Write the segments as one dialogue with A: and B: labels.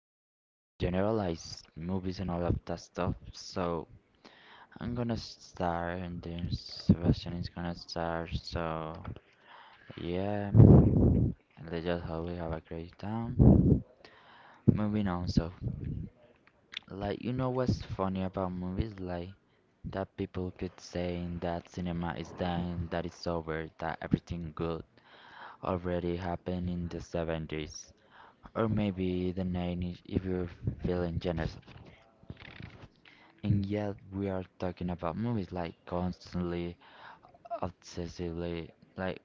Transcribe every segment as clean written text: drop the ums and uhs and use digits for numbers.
A: films in general, movies and all of that stuff. So I'm gonna start and then Sebastian is gonna start. So yeah, let's just hope we have a great time. Moving on, so like what's funny about movies, like that people keep saying that cinema is dying, that it's over, that everything good already happened in the 70s, or maybe the 90s if you're feeling generous. And yet, we are talking about movies like constantly, obsessively, like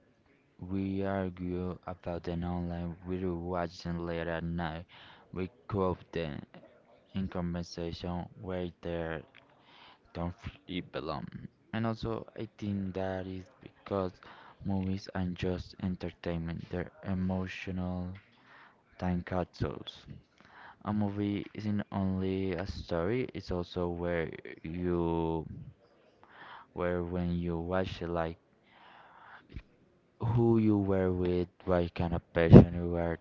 A: we argue about them online, we watch them late at night, we quote them in conversation where they don't really belong. And also, I think that is because movies aren't just entertainment, they're emotional time capsules. A movie isn't only a story, it's also where you where when you watch it, like who you were with, what kind of person you were,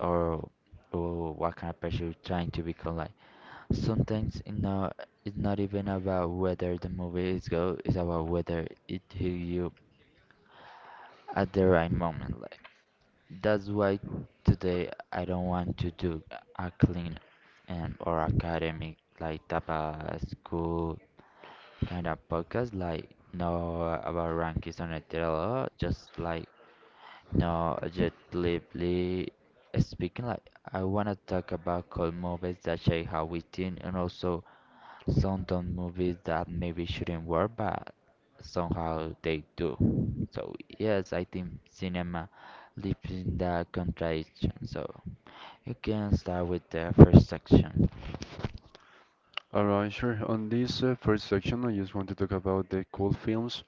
A: or, or what kind of person you're trying to become. Like sometimes it's not even about whether the movie is good, it's about whether it hit you at the right moment. Like that's why today I don't want to do a clean and or academic like type of school kind of podcast, like no about rankings on a trailer, just like no objectively speaking. Like I wanna talk about cool movies that shape how we think, and also some dumb movies that maybe shouldn't work, but somehow they do. So yes, I think cinema lives in that contradiction. So you can start with the first section.
B: Alright, sure. On this first section, I just want to talk about the cool films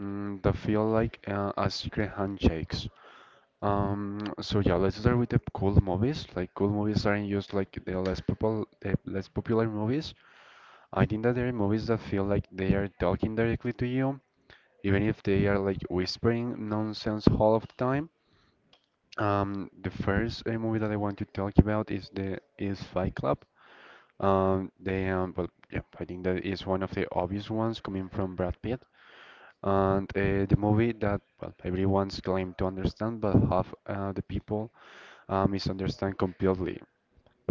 B: that feel like a secret handshakes. So yeah, let's start with the cool movies. Like cool movies aren't just like the less popular movies. I think that there are movies that feel like they are talking directly to you, even if they are like whispering nonsense all of the time. The first movie that I want to talk about is Fight Club. Yeah, I think that is one of the obvious ones coming from Brad Pitt. And the movie that, well, everyone's claimed to understand, but half the people misunderstand completely.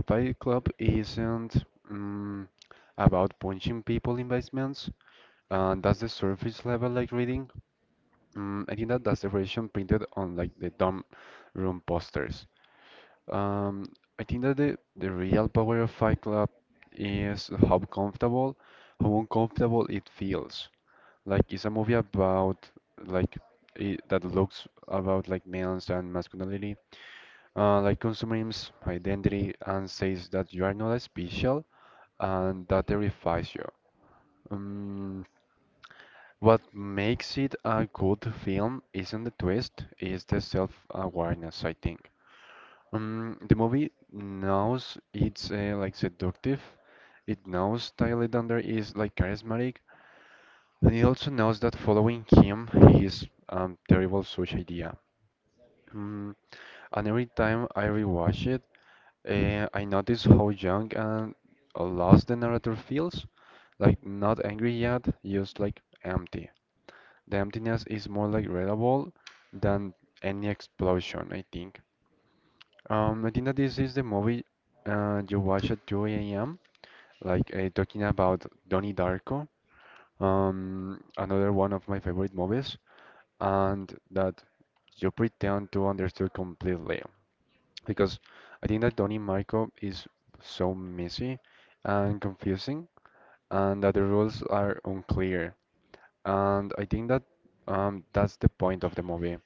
B: Fight Club isn't um, about punching people in basements, and that's the surface level like reading. I think that that's the version printed on like the dorm room posters. Um, I think that the real power of Fight Club is how comfortable, how uncomfortable it feels. Like it's a movie about like it, that looks about like males and masculinity, like consumes identity and says that you are not special and that terrifies you. Um, what makes it a good film isn't the twist, it's the self-awareness, I think. The movie knows it's like seductive. It knows Tyler Dunder is like charismatic, and it also knows that following him is terrible such idea. Mm, and every time I rewatch it, I notice how young and lost the narrator feels, like not angry yet, just like empty. The emptiness is more like readable than any explosion, I think. I think that this is the movie you watch at 2 a.m., like talking about Donnie Darko, another one of my favorite movies, and that you pretend to understand completely. Because I think that Donnie Marco is so messy and confusing, and that the rules are unclear. And I think that that's the point of the movie.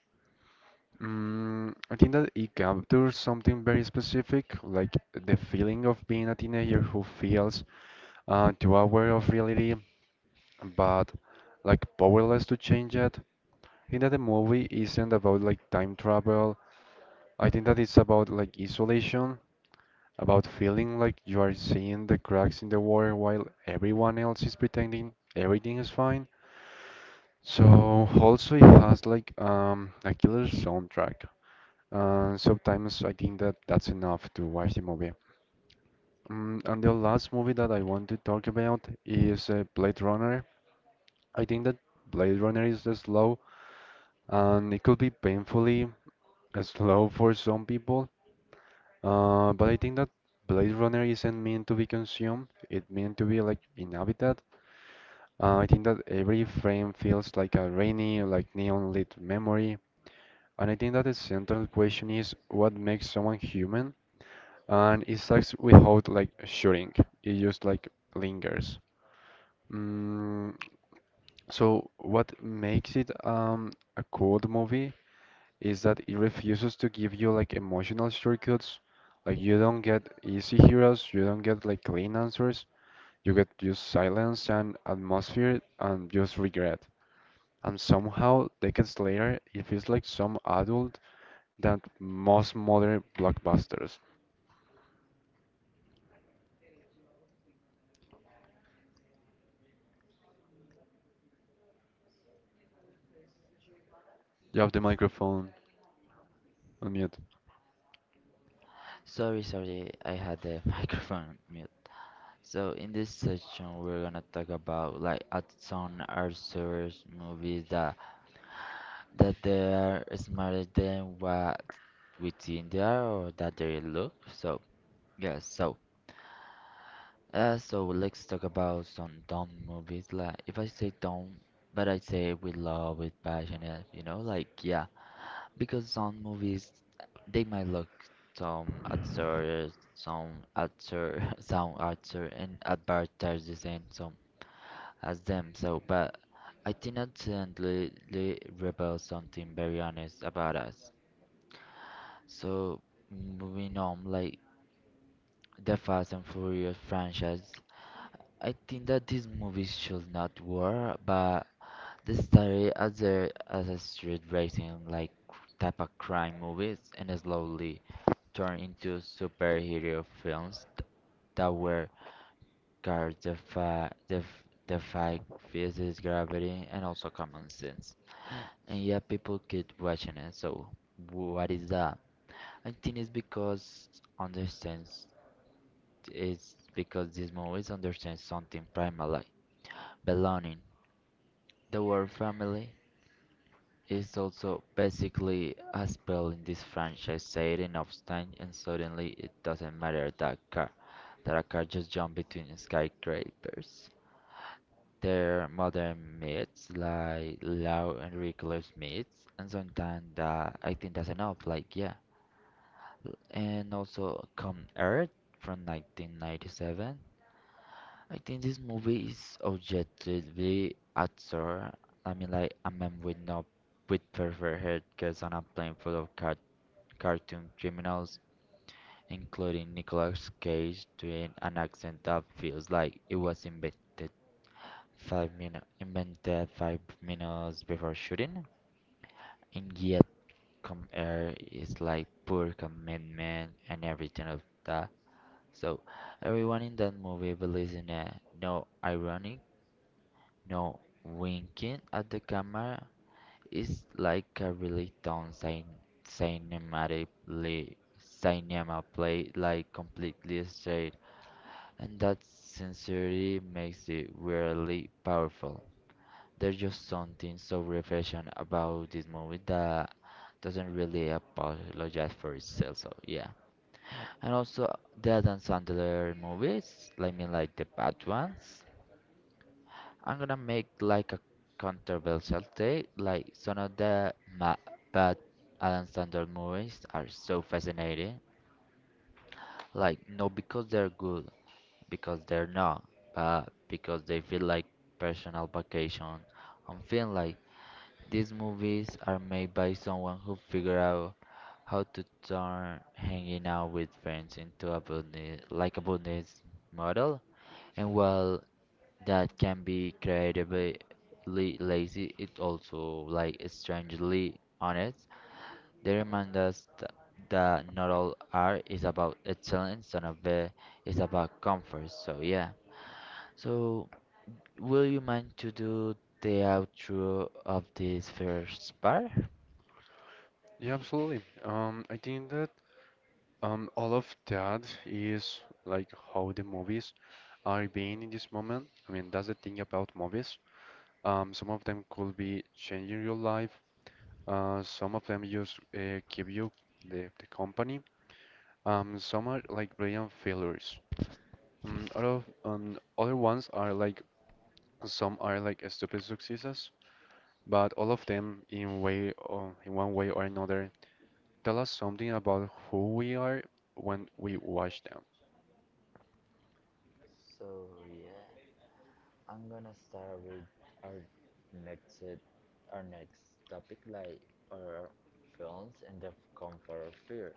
B: I think that it captures something very specific, like the feeling of being a teenager who feels too aware of reality, but like powerless to change it. I think that the movie isn't about like time travel. I think that it's about like isolation, about feeling like you are seeing the cracks in the wall while everyone else is pretending everything is fine. So also it has like a killer soundtrack. Sometimes I think that that's enough to watch the movie. And the last movie that I want to talk about is Blade Runner. I think that Blade Runner is slow and it could be painfully slow for some people. But I think that Blade Runner isn't meant to be consumed, it meant to be like inhabited. I think that every frame feels like a rainy, like neon lit memory. And I think that the central question is, what makes someone human? And it sucks without like shooting. It just like lingers. Mm, so what makes it a cold movie is that it refuses to give you like emotional shortcuts. Like you don't get easy heroes, you don't get like clean answers. You get just silence and atmosphere and just regret. And somehow decades later it feels like some adult than most modern blockbusters. You have the microphone on mute.
A: Sorry, sorry, I had the microphone mute. So in this section, we're gonna talk about like at some Arthur's movies that they are smarter than what we think they are or that they look. So yeah, so so let's talk about some dumb movies. Like if I say dumb, but I say with love, with passion, yeah, you know, like yeah, because some movies they might look some absurd, some absurd and advertises and some as them. So, but I think ultimately reveals something very honest about us. So, moving on, like the Fast and Furious franchise, I think that these movies should not work, but they started as a street racing like type of crime movies and slowly turned into superhero films that were cars that fi- that f- that fight physics, gravity, and also common sense. And yeah, people keep watching it. So what is that? I think it's because understands It's because these movies understand something primal like belonging. The word family is also basically a spell in this franchise setting enough time and suddenly it doesn't matter that car that a car just jump between skyscrapers. They're modern myths like loud and reckless myths, and sometimes that I think that's enough. Like yeah. And also Come Earth from 1997. I think this movie is objectively absurd. I mean, like a man with no with perfect hair gets on a plane full of cartoon criminals, including Nicolas Cage, doing an accent that feels like it was invented 5 minutes before shooting. And yet, Come Air is like poor commitment and everything of that. So everyone in that movie believes in a no ironic, no winking at the camera. It's like a really down cinematically cinema play, like completely straight, and that sincerity makes it really powerful. There's just something so refreshing about this movie that doesn't really apologize for itself. So yeah. And also the Adam Sandler movies, I mean like the bad ones. I'm gonna make like a controversial take, like some of the ma bad Adam Sandler movies are so fascinating. Like not because they're good, because they're not, but because they feel like personal vacation on film. Like these movies are made by someone who figured out how to turn hanging out with friends into a business, like a business model. And while that can be creatively lazy, it also like strangely honest. They remind us that not all art is about excellence, none of it is about comfort. So yeah. So will you mind to do the outro of this first part?
B: Yeah, absolutely. I think that all of that is like how the movies are being in this moment. I mean, that's the thing about movies. Some of them could be changing your life. Some of them just keep you the company. Some are like brilliant failures. Other ones are like some are like stupid successes, but all of them in way or in one way or another tell us something about who we are when we watch them.
A: So yeah, I'm gonna start with our next uh, our next topic like our films and their comfort or fear.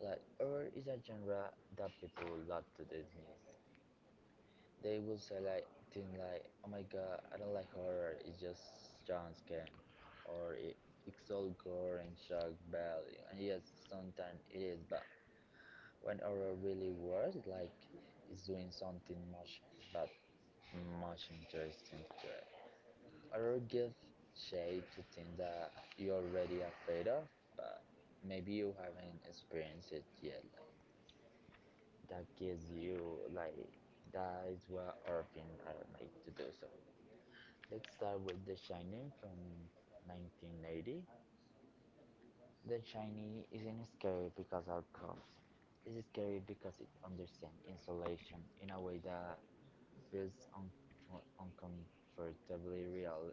A: Like horror is a genre that people love to dismiss. They will say like things like, "Oh my God, I don't like horror. It's just jump scare," or "It's all gore and shock value." And yes, sometimes it is, but when horror really works, like it's doing something much bad much interesting to it. Or give shade to things that you're already afraid of, but maybe you haven't experienced it yet. Like, that gives you like that is what our film are made to do. So let's start with The Shining from 1980. The Shining isn't scary because of cops. It's scary because it understands insulation in a way that feels uncomfortably real.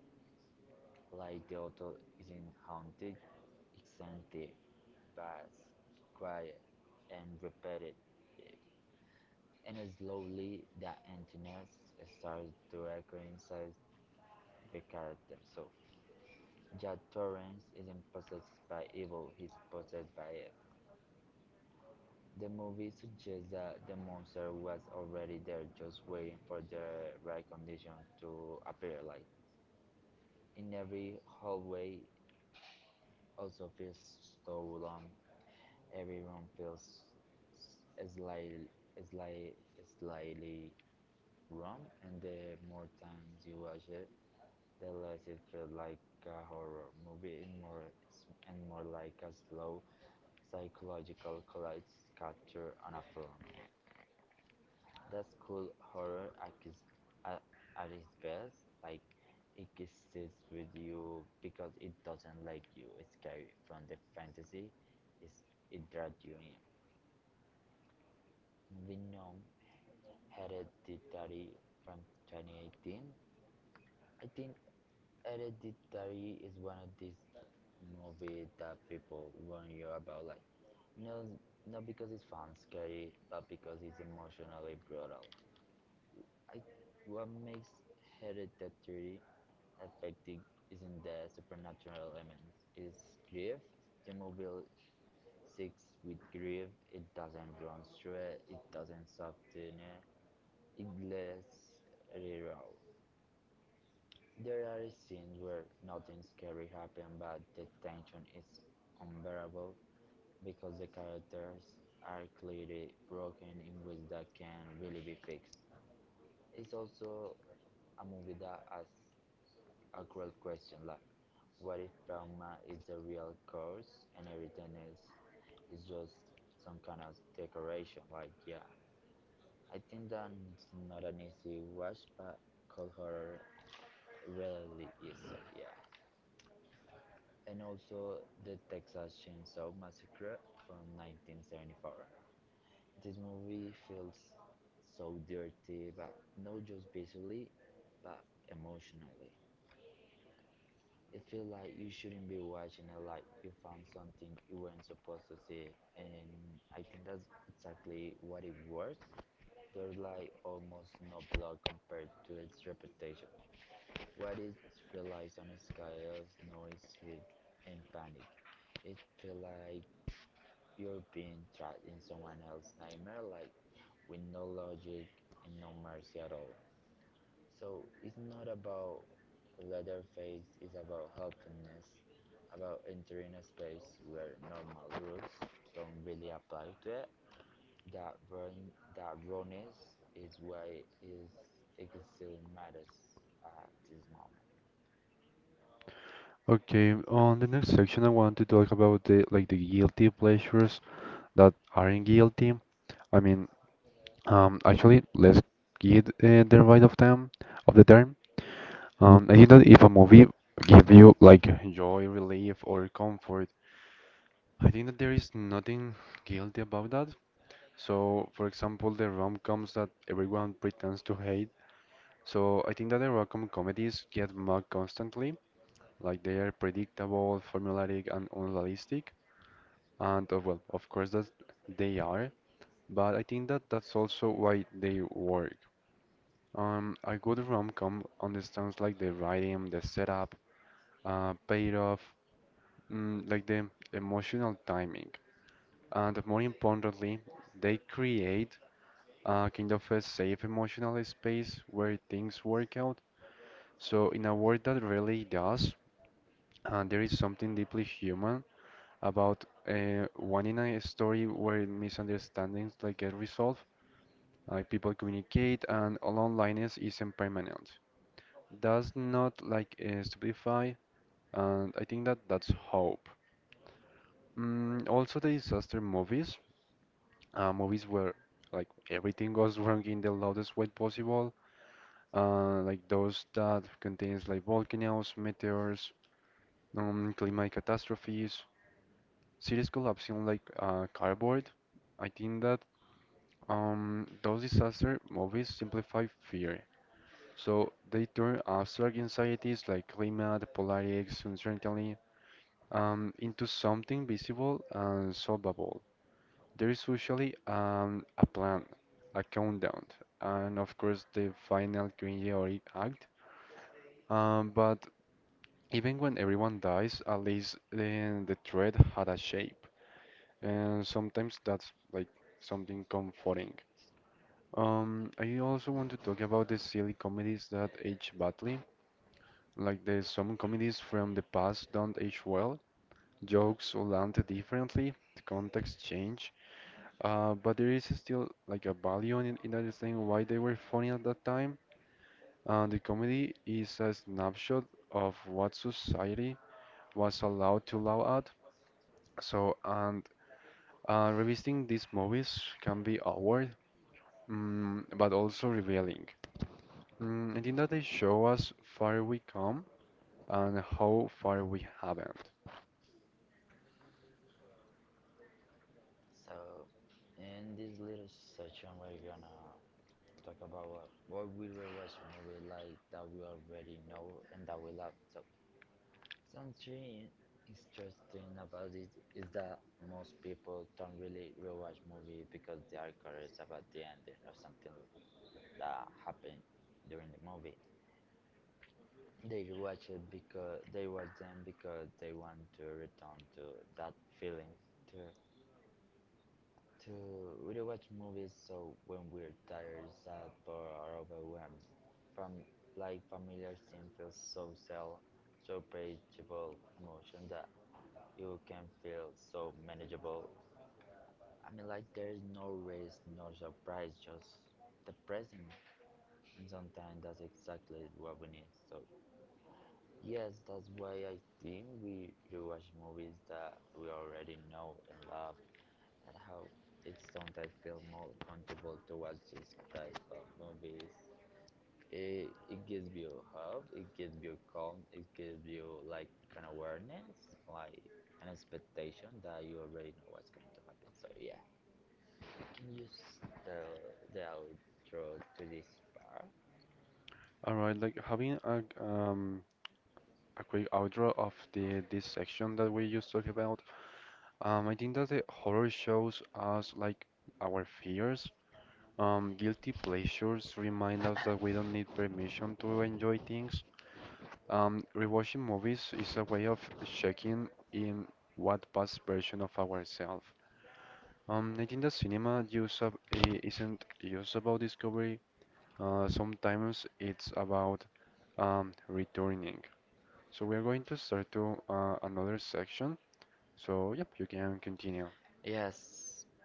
A: Like the hotel isn't haunted, it's empty, vast, quiet, and repetitive. And slowly, the emptiness starts to echo inside the character. So, Jack Torrance isn't possessed by evil, he's possessed by it. The movie suggests that the monster was already there, just waiting for the right condition to appear. Like in every hallway, also feels so long. Everyone feels slightly, slightly, slightly wrong, and the more times you watch it, the less it feels like a horror movie and more like a slow psychological collapse capture on a film. That's cool horror at at, at its best. Like it sits with you because it doesn't like you. It's scary from the fantasy. It's, it draws you in. Moving on, Hereditary from 2018. I think Hereditary is one of these movies that people warn you about, like no, not because it's fun scary, but because it's emotionally brutal. I, what makes Hereditary affecting isn't the supernatural element, it's grief. The movie sticks with grief. It doesn't run through it. It doesn't soften it. It lets it out. There are scenes where nothing scary happens but the tension is unbearable because the characters are clearly broken in ways that can really be fixed. It's also a movie that asks a cruel question, like what if trauma is the real cause and everything else is just some kind of decoration? Like yeah. I think that's not an easy watch but cold horror really is, so yeah. And also the Texas Chainsaw Massacre from 1974. This movie feels so dirty, but not just visually, but emotionally. It feels like you shouldn't be watching it, like you found something you weren't supposed to see, and I think that's exactly what it was. There's like almost no blood compared to its reputation. What it relies on is chaos, noise, heat, and panic. It feels like you're being trapped in someone else's nightmare, like with no logic and no mercy at all. So it's not about Leatherface, it's about helplessness, about entering a space where normal rules don't really apply to it. That run, that rawness is why is it still matters at this moment.
B: Okay, on the next section, I want to talk about the like the guilty pleasures that aren't guilty. I mean, actually, let's get the right of them of the term. I think that if a movie give you like joy, relief, or comfort, I think that there is nothing guilty about that. So, for example, the rom-coms that everyone pretends to hate. So, I think that the rom-com comedies get mocked constantly. Like they are predictable, formulaic, and unrealistic. And well, of course that they are, but I think that that's also why they work. A good rom-com understands like the writing, the setup, payoff, like the emotional timing, and more importantly, they create a kind of a safe emotional space where things work out. So in a world that really does, there is something deeply human about one in a story where misunderstandings like get resolved, like people communicate, and all onlineness isn't permanent. Does not like stupefy, and I think that that's hope. Also, the disaster movies, movies where like everything goes wrong in the loudest way possible, like those that contains like volcanoes, meteors, climate catastrophes, cities collapsing like cardboard. I think that those disaster movies simplify fear. So they turn abstract anxieties like climate, politics, uncertainty into something visible and solvable. There is usually a plan, a countdown, and of course the final cringeworthy act. But even when everyone dies, at least the thread had a shape. And sometimes that's like something comforting. I also want to talk about the silly comedies that age badly, like the some comedies from the past don't age well. Jokes land differently, the context change, but there is still like a value in understanding why they were funny at that time. The comedy is a snapshot of what society was allowed to laugh at. So, and revisiting these movies can be awkward, but also revealing. I think that they show us far we come and how far we haven't.
A: So in this little section, we're gonna talk about what we rewatch movie like that we already know and that we love. So something interesting about it is that most people don't really rewatch movie because they are curious about the ending or something that happened during the movie. They watch them because they want to return to that feeling to to we do watch movies so when we're tired, sad, bored, or overwhelmed, from like familiar scene feels so cell, so predictable emotion that you can feel so manageable. I mean, like there is no risk, no surprise, just the present, and sometimes that's exactly what we need. So yes, that's why I think we should watch movies that we already know and love, and how it's sometimes feel more comfortable to watch this type of movies. It gives you hope, it gives you calm, it gives you like an awareness, like an expectation that you already know what's going to happen. So yeah, can you s- tell the outro to this part?
B: All right, like having a quick outro of the this section that we just talked about. I think that the horror shows us like our fears. Guilty pleasures remind us that we don't need permission to enjoy things. Rewatching movies is a way of checking in what past version of ourselves. I think the cinema use up isn't just about discovery. Sometimes it's about returning. So we are going to start to another section. So yep, you can continue.
A: Yes,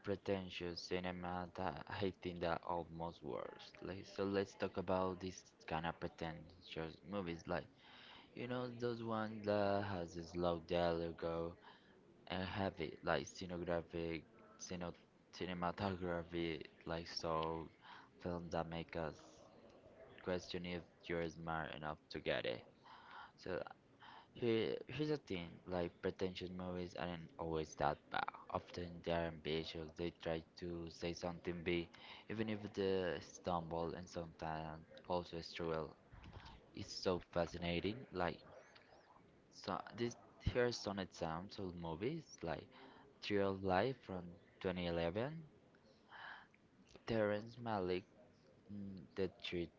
A: pretentious cinema that I think that almost worst. Like so let's talk about this kind of pretentious movies like you know those ones that has this loud dialogue and heavy like cine, cinematography, like so films that make us question if you're smart enough to get it. So here's the thing: like pretentious movies aren't always that bad. Often they're ambitious. They try to say something big, even if they stumble and sometimes also struggle. It's so fascinating. Like so this here's some example movies like Tree of Life from 2011. Terrence Malick, mm, the tree,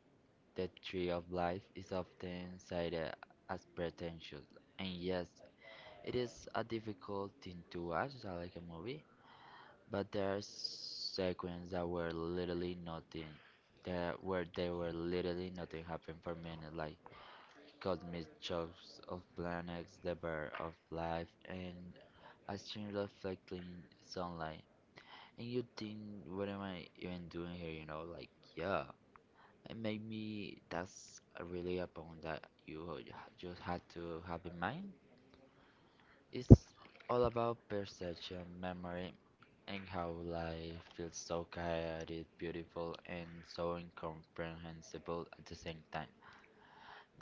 A: the Tree of Life is often cited as pretentious, and yes, it is a difficult thing to watch like a movie. But there are sequences that were literally nothing, there where they were literally nothing happened for minutes, like cosmic shocks of planets, the birth of life, and I seen reflecting sunlight, and you think, what am I even doing here? Yeah. And maybe that's really a point that you just had to have in mind. It's all about perception, memory, and how life feels so chaotic, beautiful, and so incomprehensible at the same time.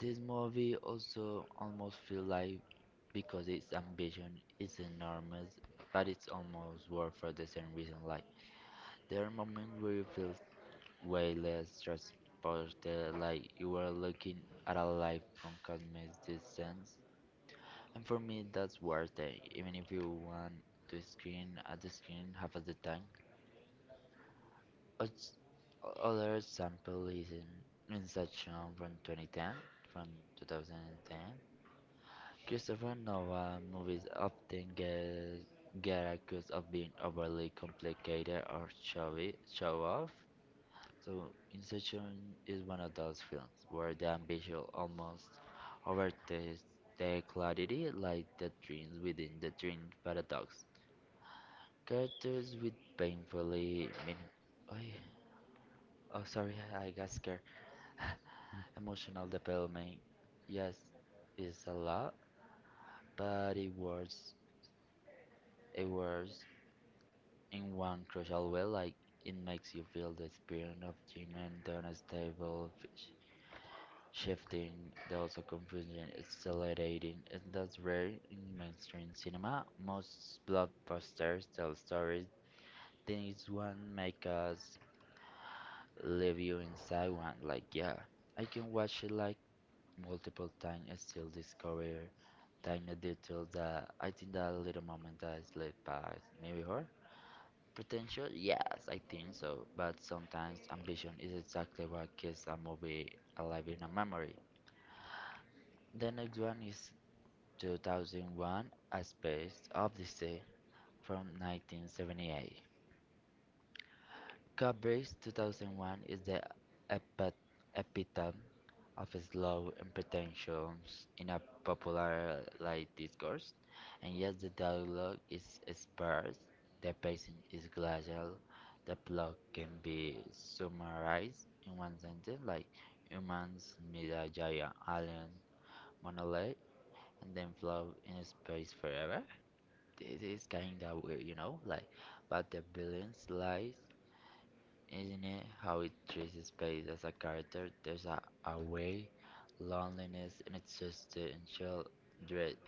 A: This movie also almost feels like because its ambition is enormous, but it's almost worth for the same reason. Like there are moments where you feel way less transported, like you are looking at a life from cosmic distance. And for me, that's worth it, even if you want to screen at the screen half of the time. Oth- Other sample is in Inception from 2010, from 2010. Christopher Nolan movies often get accused of being overly complicated or showy, show off. So Inception is one of those films where the ambition almost overtakes the clarity, like the dreams within the dream paradox. Characters with painfully meaning. Oh, oh sorry, I got scared. Emotional development, yes, is a lot, but it works. It works in one crucial way, like it makes you feel the experience of human, the unstable shifting, those of confusion is selecting, and that's rare in mainstream cinema. Most blockbusters tell stories. Things one make us leave you inside one. Like yeah, I can watch it like multiple times and still discover tiny details that I think that little moment that I slipped past me before. Potential, yes, I think so. But sometimes ambition is exactly what keeps a movie alive in a memory. The next one is 2001: A Space Odyssey from 1978. Kubrick's 2001 is the epi- epitome of slow imperfections in a popular light discourse, and yet the dialogue is sparse, the pacing is glacial, the plot can be summarized in one sentence like humans meet a giant alien monolith and then float in space forever. This is kind of weird, but the brilliance lies, isn't it? How it treats space as a character. There's a way, loneliness, and it's just the initial dread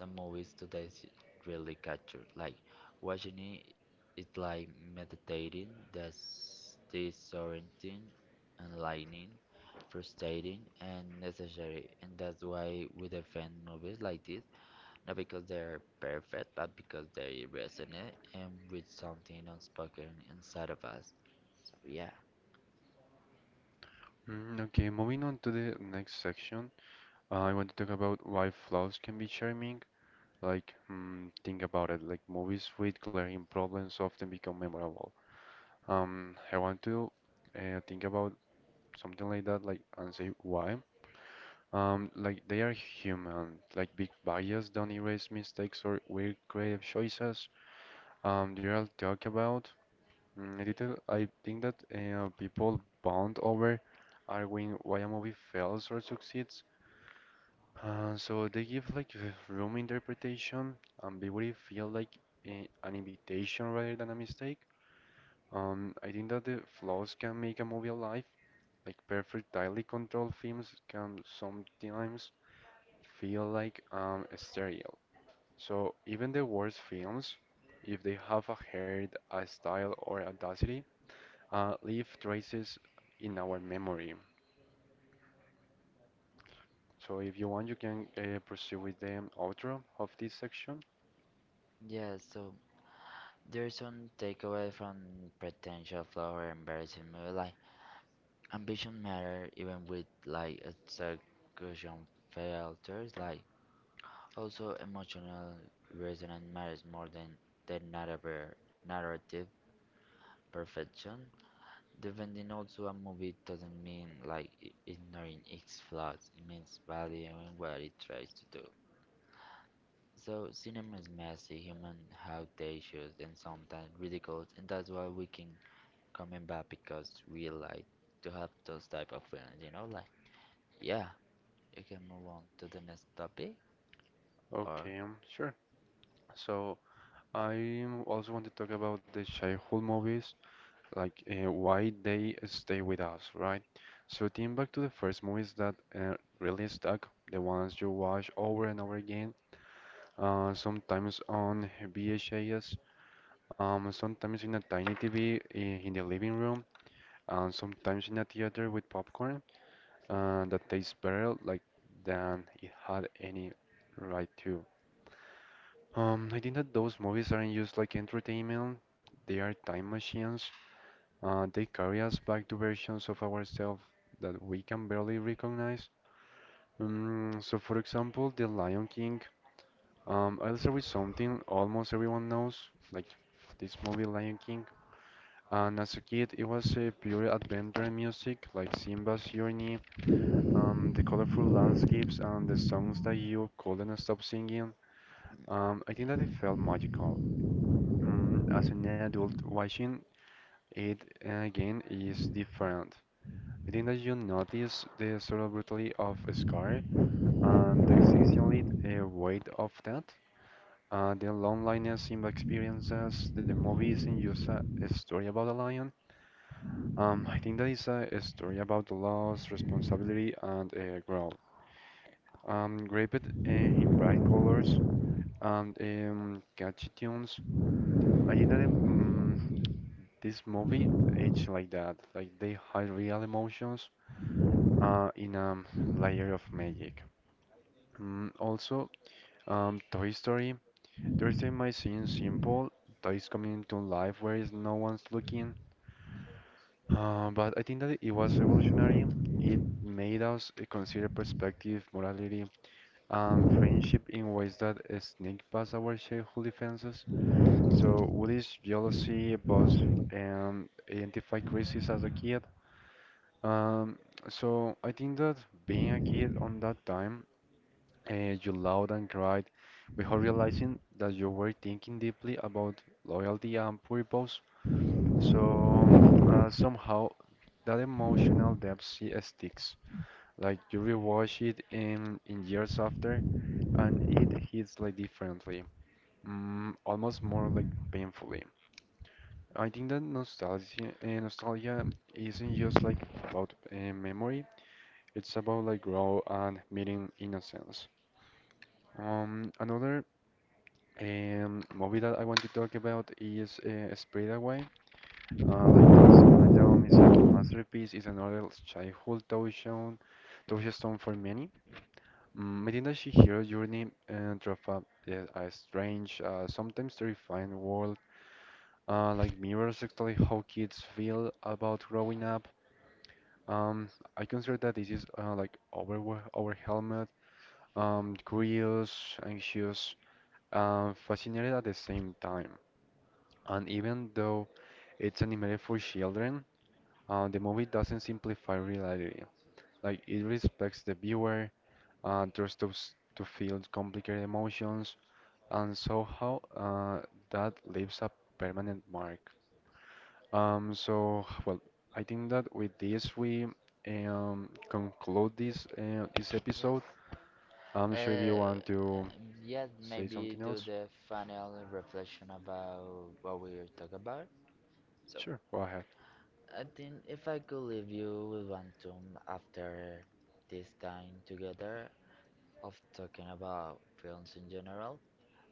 A: the movies today really capture. Like, watching it, it's like meditating, that's disorienting, enlightening, frustrating, and necessary. And that's why we defend movies like this not because they're perfect, but because they resonate and with something unspoken inside of us. So yeah.
B: Okay, moving on to the next section. I want to talk about why flaws can be charming. Like, think about it. Like movies with glaring problems often become memorable. I want to think about something like that, like and say why. Like they are human. Like big bias don't erase mistakes or weird creative choices. They all talk about. I think that people bond over arguing why a movie fails or succeeds. So they give like room interpretation. Ambiguity feel like an invitation rather than a mistake. I think that the flaws can make a movie alive. Like perfect, tightly controlled films can sometimes feel like I'm stereo. So even the worst films, if they have a hair, a style, or audacity, leave traces in our memory. So if you want, you can pursue with the outro of this section.
A: Yeah, so there's one takeaway from potential flower or embarrassing movie like ambition matter even with like execution filters, like also emotional resonance matters more than the narrative perfection. Defending also a movie doesn't mean like ignoring its flaws. It means valuing what it tries to do. So cinema is messy, human have their issues and sometimes ridiculed, and that's why we can coming back because we like to have those type of feelings. Yeah, you can move on to the next topic or
B: Okay, sure. So I also want to talk about the childhood movies, like why they stay with us, right? So think back to the first movies that really stuck, the ones you watch over and over again sometimes on VHS, sometimes in a tiny TV in the living room, and sometimes in a theater with popcorn that tastes better like than it had any right to. I think that those movies aren't just like entertainment; they are time machines. They carry us back to versions of ourselves that we can barely recognize. So, for example, The Lion King. I'll start with something almost everyone knows, like this movie Lion King. And as a kid, it was a pure adventure in music, like Simba's journey, the colorful landscapes, and the songs that you couldn't stop singing. I think that it felt magical. As an adult, watching it again is different. I think that you notice the sort of brutality of a scar and the exceptionally weight of that. The loneliness Simba experiences, the movie isn't just a story about a lion. I think that is a story about the loss, responsibility, and growth. Draped in bright colors and catchy tunes, I think that this movie aged like that. Like they hide real emotions in a layer of magic. Also, Toy Story. Toy Story might seem simple, toys coming to life where is no one's looking. But I think that it was revolutionary. It made us consider perspective, morality, and friendship in ways that sneak past our childhood defenses. So, what is jealousy, boss, and identify crisis as a kid? Um, so, I think that being a kid on that time, you loved and cried without realizing that you were thinking deeply about loyalty and purpose. So somehow that emotional depth she sticks. Like you rewatch it in years after, and it hits like differently, almost more like painfully. I think that nostalgia isn't just like about memory. It's about like growth and meeting innocence. Another movie that I want to talk about is Spirited Away. Like this, Hayao Miyazaki masterpiece is another childhood touchstone for many. Medina Shihiro's journey through a strange, sometimes terrifying world, like mirrors exactly how kids feel about growing up. Um, I consider that this is like overwhelmed, curious, anxious, fascinated at the same time. And even though it's animated for children, the movie doesn't simplify reality. Like it respects the viewer, trusts us to feel complicated emotions, and somehow that leaves a permanent mark. So, well, I think that with this we conclude this this episode.
A: yes.
B: I'm not sure if you
A: Uh,
B: want to
A: yeah,
B: say something
A: maybe do
B: else.
A: the final reflection about what we were talking about. So
B: Sure, go ahead.
A: I think if I could leave you with one tune after this time together of talking about films in general,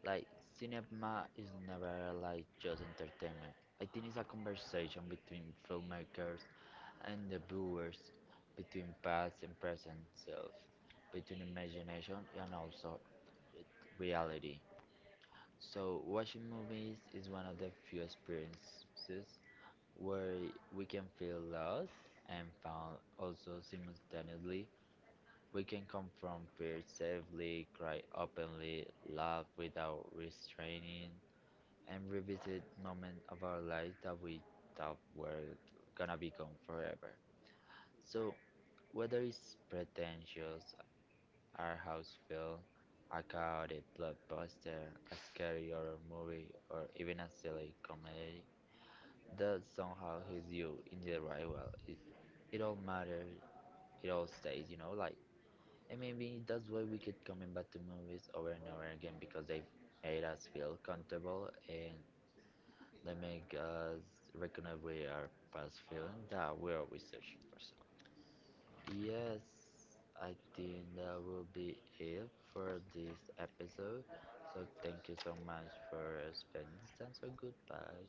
A: like cinema is never like just entertainment. I think it's a conversation between filmmakers and the viewers, between past and present self, between imagination and also reality. So watching movies is one of the few experiences where we can feel lost and found. Also, simultaneously, we can confront fear safely, cry openly, laugh without restraining, and revisit moments of our lives that we thought were gonna be gone forever. So, whether it's pretentious, our house film, a chaotic blockbuster, a scary horror movie, or even a silly comedy, that somehow hits you in the right well. It all matters, it all stays. And maybe that's why we keep coming back to movies over and over again because they've made us feel comfortable and they make us recognize we are past feeling that we are always searching for something. Yes, I think that will be it for this episode. So thank you so much for spending this time. So goodbye.